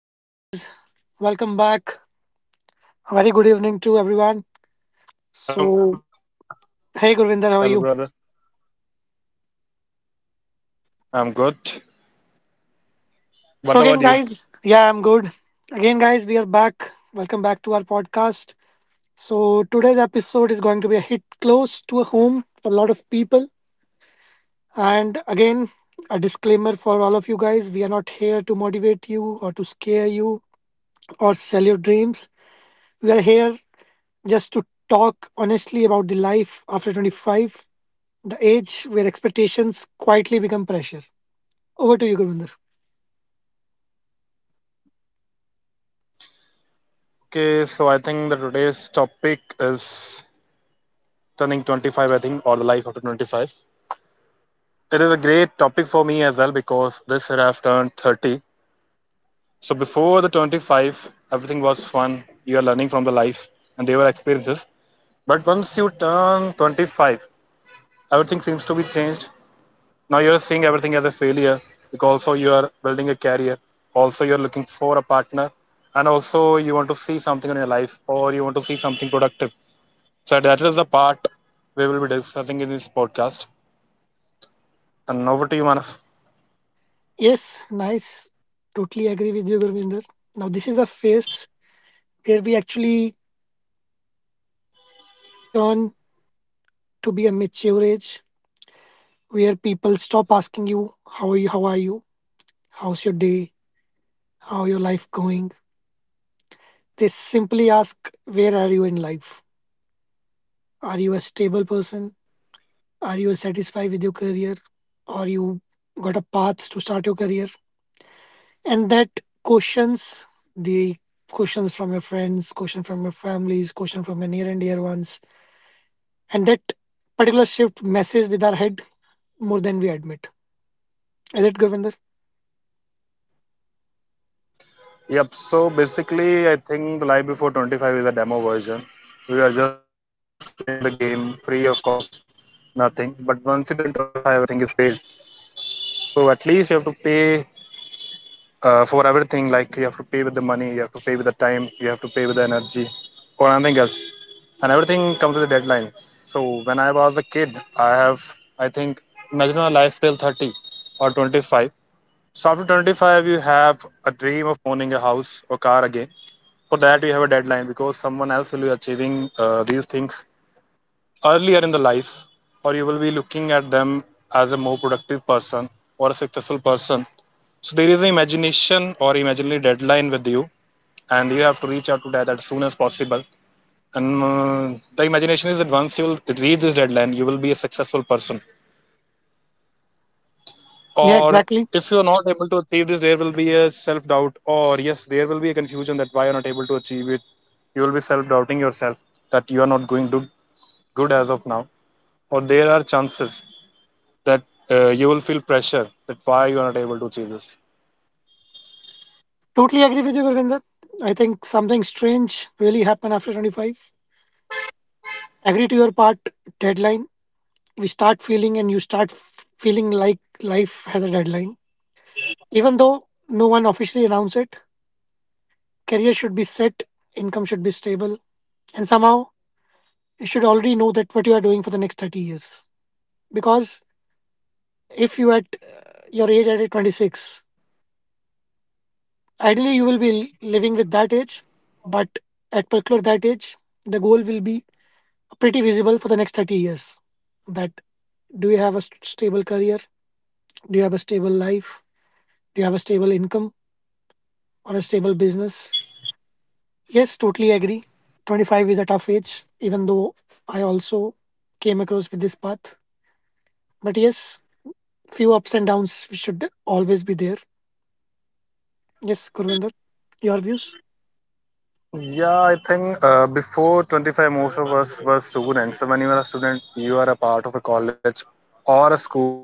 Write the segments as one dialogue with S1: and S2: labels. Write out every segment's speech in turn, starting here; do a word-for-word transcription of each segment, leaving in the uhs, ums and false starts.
S1: Hello, guys. Welcome back. A very good evening to everyone. So,
S2: Hello, Manav.
S1: hey, Gurvinder, how are you?
S2: Hello, brother. I'm good.
S1: So, again,
S2: What about
S1: guys,
S2: you?
S1: yeah, I'm good. Again, guys, we are back. Welcome back to our podcast. So, today's episode is going to be a hit close to a home for a lot of people. And again, a disclaimer for all of you guys, we are not here to motivate you or to scare you or sell your dreams. We are here just to talk honestly about the life after twenty-five, the age where expectations quietly become pressure. Over to you, Gurvinder.
S2: Okay, so I think that today's topic is turning twenty-five, I think, or the life after twenty-five. It is a great topic for me as well because this year I've turned thirty. So before the twenty-five, everything was fun. You are learning from the life and they were experiences. But once you turn twenty-five, everything seems to be changed. Now you're seeing everything as a failure because also you are building a career, also you're looking for a partner, and also you want to see something in your life or you want to see something productive. So that is the part we will be discussing in this podcast. And over to you, Manav.
S1: Yes, nice. Totally agree with you, Gurvinder. Now, this is a phase where we actually turn to be a mature age, where people stop asking you, how are you? How are you? How's your day? How your life going? They simply ask, where are you in life? Are you a stable person? Are you satisfied with your career? Or you got a path to start your career? And that questions, the questions from your friends, question from your families, question from your near and dear ones. And that particular shift messes with our head more than we admit. Is it, Govinder?
S2: Yep, so basically i think the life before twenty-five is a demo version. We are just playing the game free of cost, nothing. But once you turn twenty-five, everything is paid. So at least you have to pay, uh, for everything. Like you have to pay with the money, you have to pay with the time, you have to pay with the energy or anything else. And everything comes with a deadline. So when I was a kid, I have I think imagine a life till thirty or twenty-five. So after twenty-five you have a dream of owning a house or car. Again, for that you have a deadline, because someone else will be achieving uh, these things earlier in the life, or you will be looking at them as a more productive person or a successful person. So there is an imagination or imaginary deadline with you, and you have to reach out to that as soon as possible. And uh, the imagination is that once you will reach this deadline, you will be a successful person.
S1: Yeah,
S2: Or
S1: exactly.
S2: if you are not able to achieve this, there will be a self doubt, or yes, there will be a confusion that why you are not able to achieve it. You will be self doubting yourself, that you are not going good, good as of now. Or there are chances that uh, you will feel pressure that why you are not able to achieve this.
S1: Totally agree with you, Govinder. I think something strange really happened after twenty-five. Agree to your part. Deadline, we start feeling and you start f- feeling like life has a deadline, even though no one officially announced it. Career should be set, income should be stable, and somehow you should already know that what you are doing for the next thirty years. Because if you at uh, your age at twenty-six, ideally you will be living with that age. But at particular that age, the goal will be pretty visible for the next thirty years. That, do you have a st- stable career? Do you have a stable life? Do you have a stable income or a stable business? Yes, totally agree. twenty-five is a tough age. Even though I also came across with this path, but yes, few ups and downs should always be there. Yes, Gurvinder, your views?
S2: Yeah, I think uh, before twenty-five, most of us were students. So when you are a student, you are a part of a college or a school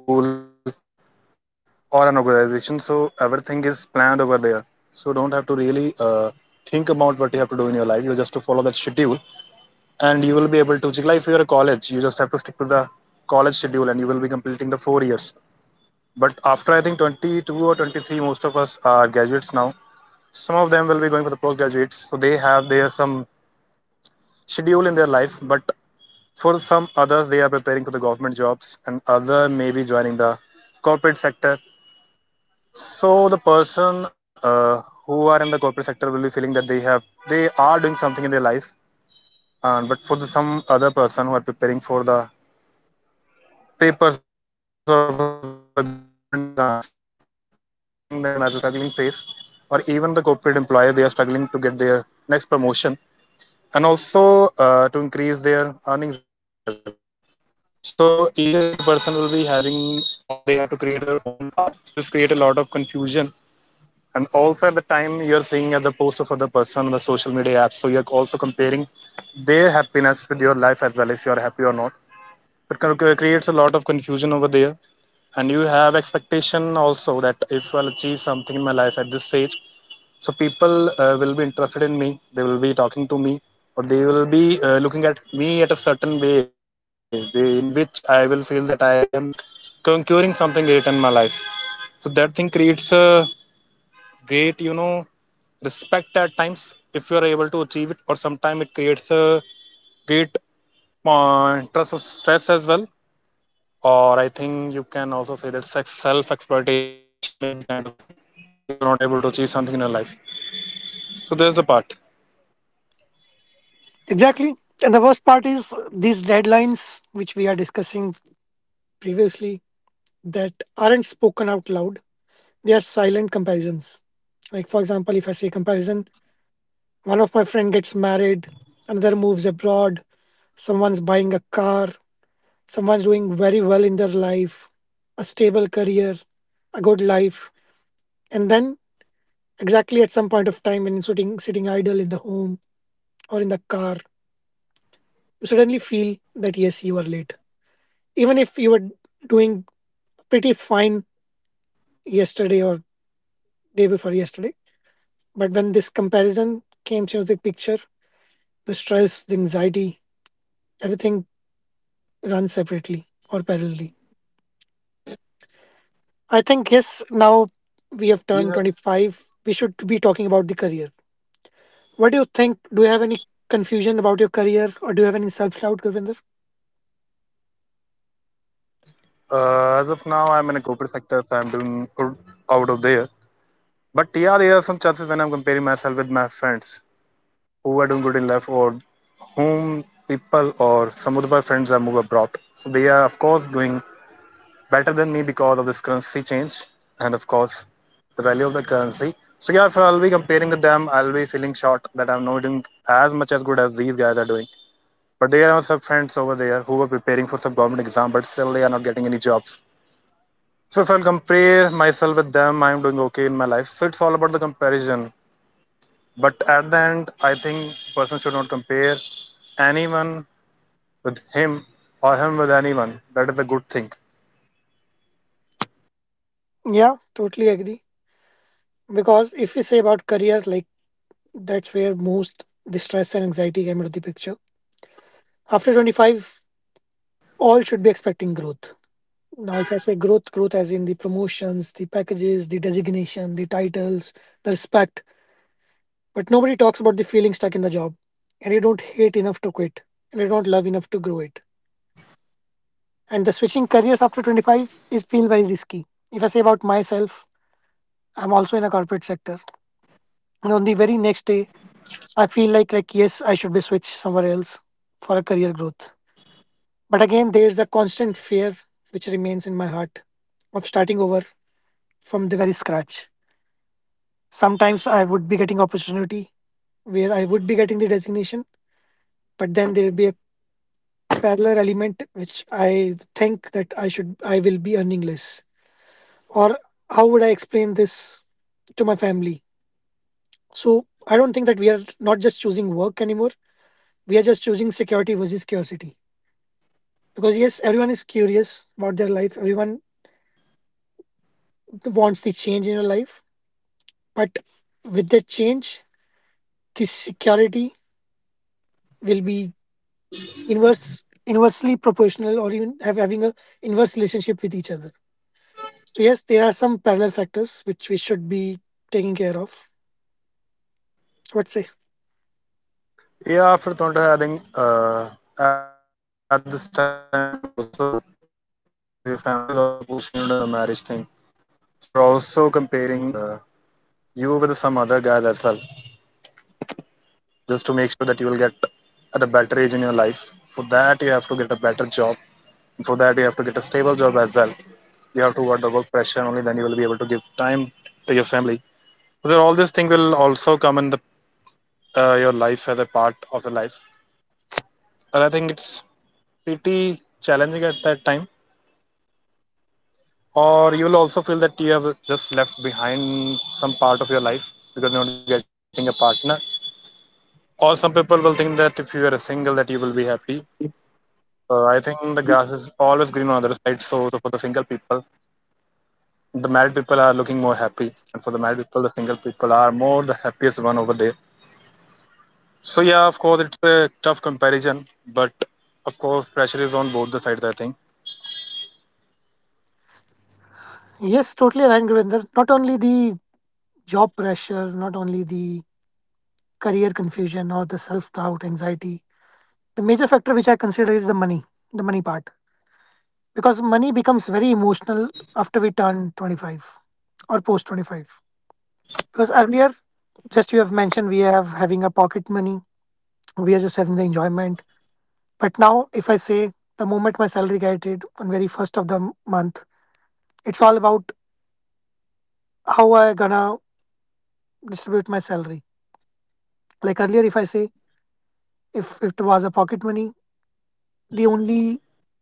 S2: or an organization. So everything is planned over there. So don't have to really uh, think about what you have to do in your life. You just to follow that schedule, and you will be able to. Like if you are a college, you just have to stick to the college schedule, and you will be completing the four years. But after I think twenty-two or twenty-three, most of us are graduates now. Some of them will be going for the postgraduates, so they have their some schedule in their life, but for some others, they are preparing for the government jobs, and other may be joining the corporate sector. So the person uh, who are in the corporate sector will be feeling that they have they are doing something in their life, and but for the, some other person who are preparing for the papers or for the government exams, they are still seeing them as a struggling phase, or even the corporate employer they are struggling to get their next promotion and also uh, to increase their earnings as well. So each and every person will be having, or they have to create their own path. So this create a lot of confusion, and also at the time you're seeing at the post of other person on the social media apps. So you're also comparing their happiness with your life as well, if you're happy or not. It creates a lot of confusion over there, and you have expectation also that if I'll achieve something in my life at this stage, so people uh, will be interested in me, they will be talking to me, or they will be uh, looking at me at a certain way they, in which I will feel that I am conquering something great in my life. So that thing creates a great, you know, respect at times if you are able to achieve it, or sometimes it creates a great uh, trust of stress as well. Or I think you can also say that self exploitation maybe kind of thing if you're not able to achieve something in your life. So there's the part.
S1: Exactly. And the worst part is uh, these deadlines, which we are discussing previously, that aren't spoken out loud. They are silent comparisons. Like, for example, if I say comparison, one of my friend gets married, another moves abroad, someone's buying a car, someone's doing very well in their life, a stable career, a good life. And then, exactly at some point of time, when sitting, sitting idle in the home or in the car, you suddenly feel that yes, you are late. Even if you were doing pretty fine yesterday or day before yesterday. But when this comparison came into the picture, the stress, the anxiety, everything runs separately or parallelly. I think yes, now we have turned
S2: Yeah.
S1: twenty-five, we should be talking about the career. What do you think? Do you have any confusion about your career or do you have any self doubt, Govinder?
S2: Uh, as of now, I'm in a corporate sector, so I'm doing good out of there. But yeah, there are some chances when I'm comparing myself with my friends who are doing good in life, or whom people or some of my friends are move abroad. So they are, of course, doing better than me because of this currency change and, of course, the value of the currency. So yeah, if I'll be comparing with them, I'll be feeling short that I'm not doing as much as good as these guys are doing. But there are some friends over there who are preparing for some government exam, but still they are not getting any jobs. So if I'll compare myself with them, I'm doing okay in my life. So it's all about the comparison. But at the end, I think person should not compare anyone with him, or him with anyone. That is a good thing.
S1: Yeah, totally agree. Because if we say about career, like, that's where most the stress and anxiety came into the picture. After twenty-five, all should be expecting growth. Now, if I say growth, growth as in the promotions, the packages, the designation, the titles, the respect, but nobody talks about the feeling stuck in the job. And you don't hate enough to quit, and you don't love enough to grow it. And the switching careers after twenty-five is feel very risky. If I say about myself, I'm also in a corporate sector. And on the very next day, I feel like like yes, I should be switched somewhere else for a career growth. But again, there's a constant fear which remains in my heart of starting over from the very scratch. Sometimes I would be getting opportunity where I would be getting the designation, but then there will be a parallel element which I think that I should I will be earning less. Or how would I explain this to my family? So I don't think that we are not just choosing work anymore. We are just choosing security versus curiosity. Because yes, everyone is curious about their life. Everyone wants the change in your life. But with that change, this security will be inverse inversely proportional or even have having a inverse relationship with each other. So yes, there are some parallel factors which we should be taking care of. What say?
S2: Yeah, after twenty, I think uh, at this time also, so your family is also pushing you into the marriage thing. So you're also comparing uh, you with some other guys as well, just to make sure that you will get at a better age in your life. For that, you have to get a better job. For that, you have to get a stable job as well. You have to work the work pressure, only then you will be able to give time to your family. So all these things will also come in the uh, your life as a part of your life. And I think it's pretty challenging at that time, or you will also feel that you have just left behind some part of your life because you're not getting a partner, or some people will think that if you are single that you will be happy. So I think the grass is always green on the other side. So, so for the single people, the married people are looking more happy, and for the married people the single people are more the happiest one over there. So yeah, of course it's a tough comparison, but of course pressure is on both the sides, I think.
S1: Yes, totally aligned, Gurinder. Not only the job pressure, not only the career confusion or the self doubt, anxiety. The major factor which I consider is the money, the money part. Because money becomes very emotional after we turn twenty-five or post twenty-five. Because earlier, just you have mentioned we have having a pocket money, we are just having the enjoyment. But now, if I say the moment my salary get it on very first of the m- month, it's all about how I gonna distribute my salary. Like earlier, if I say if, if it was a pocket money, the only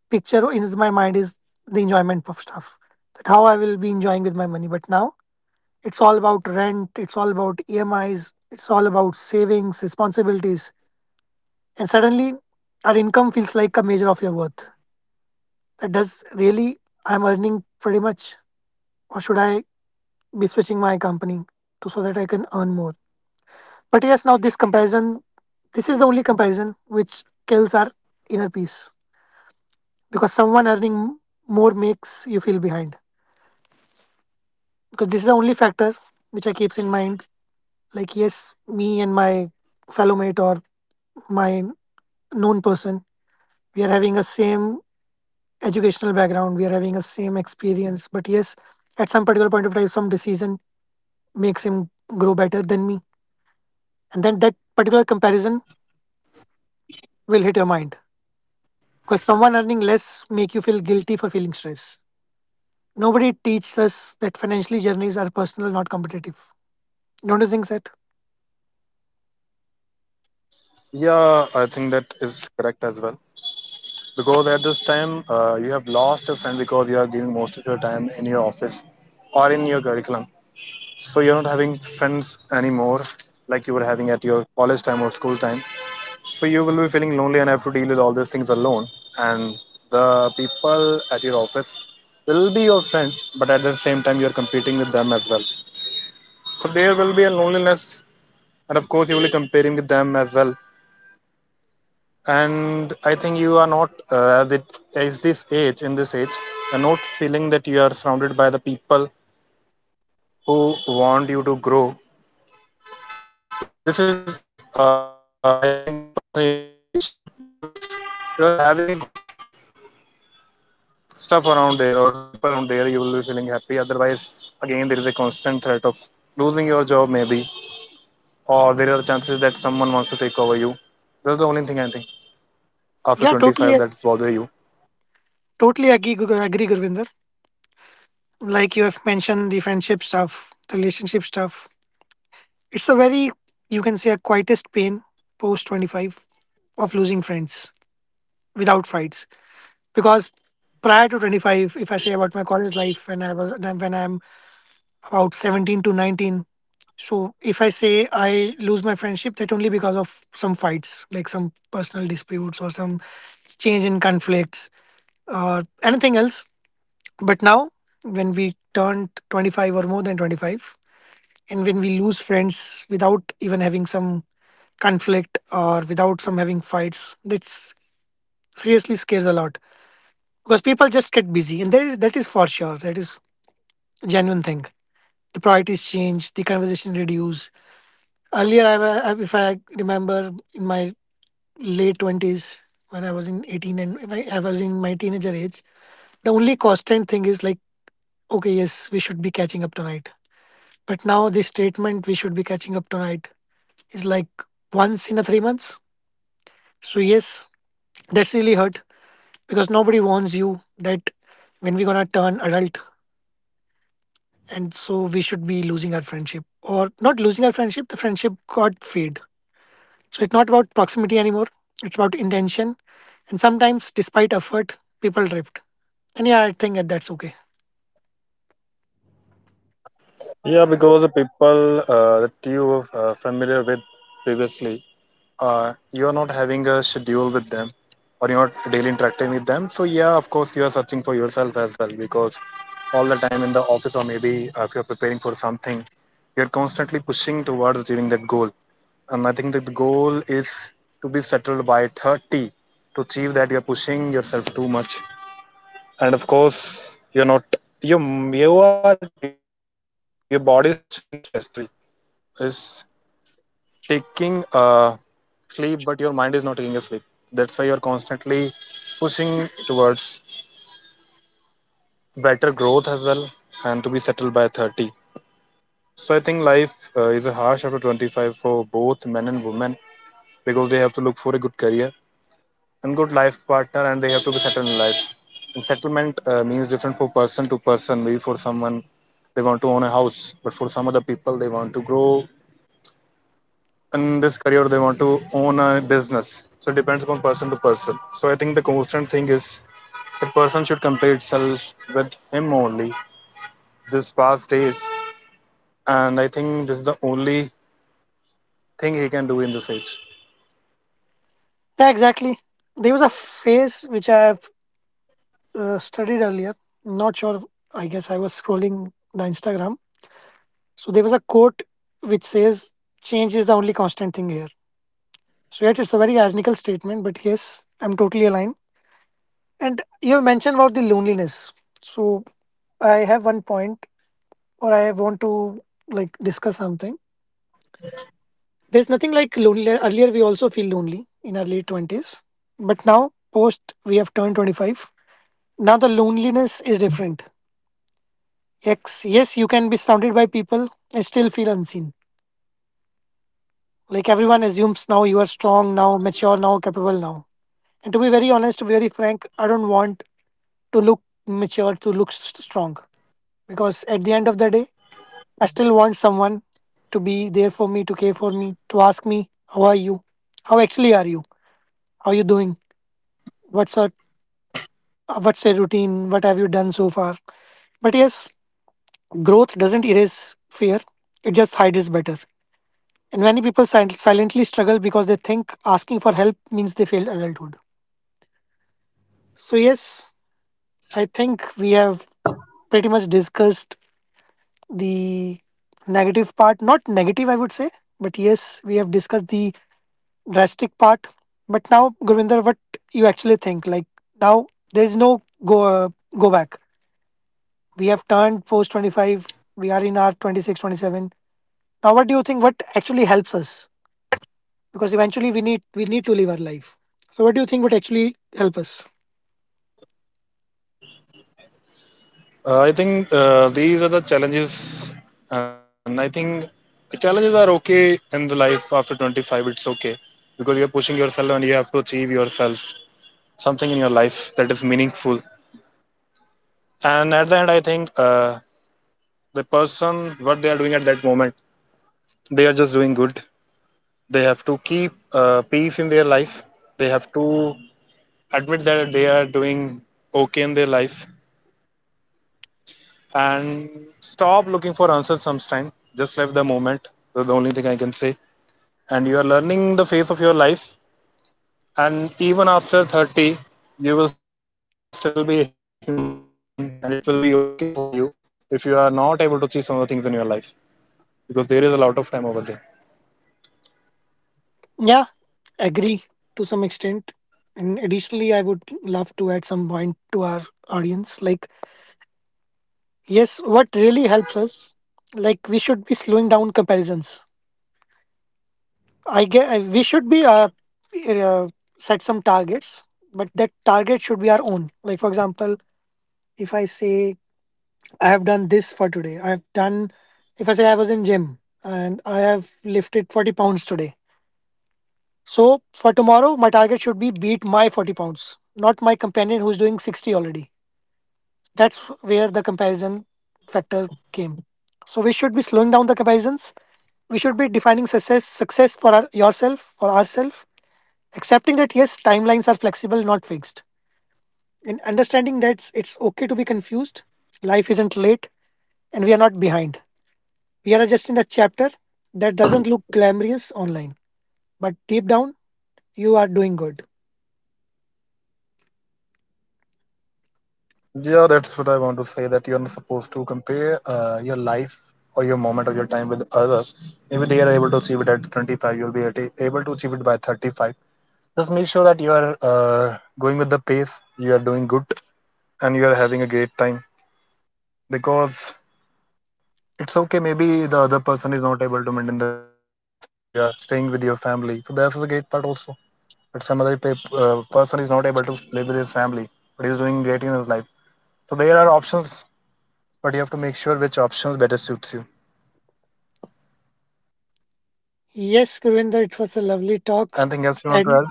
S1: picture in my mind is the enjoyment of stuff. That how I will be enjoying with my money. But now it's all about rent, it's all about E M Is, it's all about savings, responsibilities. And suddenly, our income feels like a measure of your worth. That does really, I'm earning pretty much, or should I be switching my company to so that I can earn more? But yes, now this comparison, this is the only comparison which kills our inner peace because someone earning more makes you feel behind. Because this is the only factor which I keeps in mind. Like yes, me and my fellow mate or my known person, we are having a same educational background, we are having a same experience, but yes, at some particular point of time, some decision makes him grow better than me. And then that particular comparison will hit your mind because someone earning less make you feel guilty for feeling stress. Nobody teaches us that financially journeys are personal, not competitive. Don't you think that?
S2: Yeah, I think that is correct as well, because at this time uh, you have lost your friend because you are giving most of your time in your office or in your curriculum. So you're not having friends anymore, like you were having at your college time or school time. So you will be feeling lonely and have to deal with all these things alone. And the people at your office will be your friends, but at the same time, you're competing with them as well. So there will be a loneliness, and of course, you will be comparing with them as well. And I think you are not uh, as it as this age, in this age, you're not feeling that you are surrounded by the people who want you to grow. This is, uh, I think, a personal imagination. But if you're having a good stuff around there or the people around there, you will be feeling happy. Otherwise, again, there is a constant threat of losing your job, maybe, or there are chances that someone wants to take over you. That's the only thing I think after twenty-five that bothers
S1: Yeah,
S2: you.
S1: totally totally agree Gur- agree, Gurvinder. Like you have mentioned, the friendship stuff, the relationship stuff, it's a very, you can say, a quietest pain post twenty-five of losing friends without fights. Because prior to twenty-five, if I say about my college life when I was then when I'm about seventeen to nineteen. So if I say I lose my friendship, that only because of some fights, like some personal disputes or some change in conflicts or anything else. But now when we turned twenty-five or more than twenty-five and when we lose friends without even having some conflict or without some having fights, that seriously scares a lot. Because people just get busy, and there is, that is for sure, that is genuine thing. The priorities change, the conversation reduce. Earlier I, wa- I- if I remember, in my late twenties when I was in eighteen, and if I, I was in my teenager age, the only constant thing is like, okay, yes, we should be catching up tonight. But now this statement, we should be catching up tonight, is like once in a three months. So yes, that's really hurt because nobody warns you that when we're gonna turn adult and so we should be losing our friendship. Or not losing our friendship, the friendship got fade. So it's not about proximity anymore, it's about intention. And sometimes despite effort, people drift. And yeah, I think that that's okay.
S2: Yeah, because the people uh, that you were uh, familiar with previously, uh, you are not having a schedule with them, or you're not daily interacting with them. So yeah, of course you are searching for yourself as well, because all the time in the office, or maybe uh, if you're preparing for something, you're constantly pushing towards achieving that goal. And I think that the goal is to be settled by thirty. To achieve that, you're pushing yourself too much. And of course, you're not you you are your body is taking stress. Sorry, is taking uh, sleep, but your mind is not taking a sleep. That's why you're constantly pushing towards better growth as well, and to be settled by thirty. So I think life uh, is harsh after twenty-five for both men and women because they have to look for a good career and good life partner, and they have to be settled in life. And settlement uh, means different for person to person. Maybe for someone they want to own a house, but for some other people they want to grow in this career, they want to own a business. So it depends upon person to person. So I think the constant thing is the person should compare itself with him only, this past days. And I think this is the only thing he can do in this age.
S1: Yeah, exactly. There was a phase which I have uh, studied earlier, not sure. I guess I was scrolling the Instagram, so there was a quote which says, change is the only constant thing here. So yet, it's a very ironical statement, but yes, I'm totally aligned. And you mentioned about the loneliness. So I have one point, or I want to like discuss something. There's nothing like loneliness. Earlier, we also feel lonely in our late twenties, but now post we have turned twenty-five. Now the loneliness is different. Yes, yes, you can be surrounded by people and still feel unseen. Like everyone assumes now you are strong, now mature, now capable, now. And to be very honest, to be very frank, I don't want to look mature, to look s- strong, because at the end of the day, I still want someone to be there for me, to care for me, to ask me, how are you? How actually are you? How are you doing? What's your uh, what's your routine? What have you done so far? But yes, growth doesn't erase fear. It just hides it better. And many people sil- silently struggle because they think asking for help means they failed adulthood. So yes, I think we have pretty much discussed the negative part. Not negative, I would say, but yes, we have discussed the drastic part. But now, Gurvinder, what you actually think? Like now, there's no go uh, go back. We have turned post twenty-five. We are in our twenty six, twenty seven. Now, what do you think? What actually helps us? Because eventually, we need we need to live our life. So, what do you think would actually help us?
S2: uh, I think uh, these are the challenges, and I think the challenges are okay. In the life after twenty-five, it's okay because you're pushing yourself and you have to achieve yourself something in your life that is meaningful. And at the end, I think uh, the person what they are doing at that moment, they are just doing good. They have to keep uh, peace in their life. They have to admit that they are doing okay in their life, and stop looking for answers sometime, just live the moment. That's the only thing I can say. And you are learning the phase of your life, and even after thirty you will still be a human, and it will be okay for you if you are not able to see some of the things in your life, because there is a lot of time over there.
S1: Yeah, agree to some extent. And additionally, I would love to add some point to our audience. Like, yes, what really helps us? Like, we should be slowing down comparisons. I guess we should be uh, uh, set some targets, but that target should be our own. Like for example, if I say I have done this for today, I have done. If I say I was in gym and I have lifted forty pounds today, so for tomorrow my target should be beat my forty pounds, not my companion who's doing sixty already. That's where the comparison factor came. So we should be slowing down the comparisons. We should be defining success success for our, yourself for ourselves. Accepting that, yes, timelines are flexible, not fixed. And understanding that it's okay to be confused, life isn't late, and we are not behind. We are just in a chapter that doesn't look glamorous online, but deep down, you are doing good.
S2: Yeah, that's what I want to say, that you're not supposed to compare uh, your life or your moment or your time with others. Maybe they are able to achieve it at twenty-five, you'll be at- able to achieve it by thirty-five. Just make sure that you are uh, going with the pace, you are doing good, and you are having a great time. Because it's okay. Maybe the other person is not able to maintain the family, you are staying with your family. So, that's a great part also. But some other pe- uh, person is not able to live with his family, but he's doing great in his life. So, there are options, but you have to make sure which options better suits you.
S1: Yes, Gurinder, it was a lovely
S2: Anything else
S1: talk.
S2: you want to add?
S1: And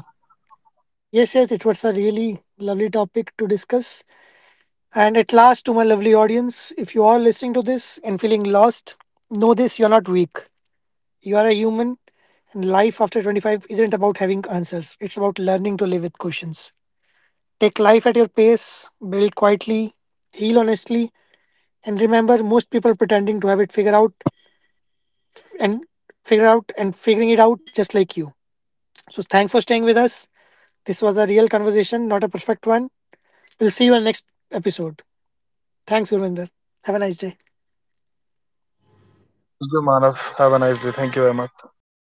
S1: yes, yes, it was a really lovely topic to discuss. And at last, to my lovely audience, if you are listening to this and feeling lost, know this, you're not weak. You are a human, and life after twenty-five isn't about having answers. It's about learning to live with questions. Take life at your pace, build quietly, heal honestly, and remember most people pretending to have it figured out and figure out and figuring it out just like you. So thanks for staying with us. This was a real conversation, not a perfect one. We'll see you on next episode. Thanks, Gurvinder. Have a nice day.
S2: Thank you, Manav. Have a nice day. Thank you very much.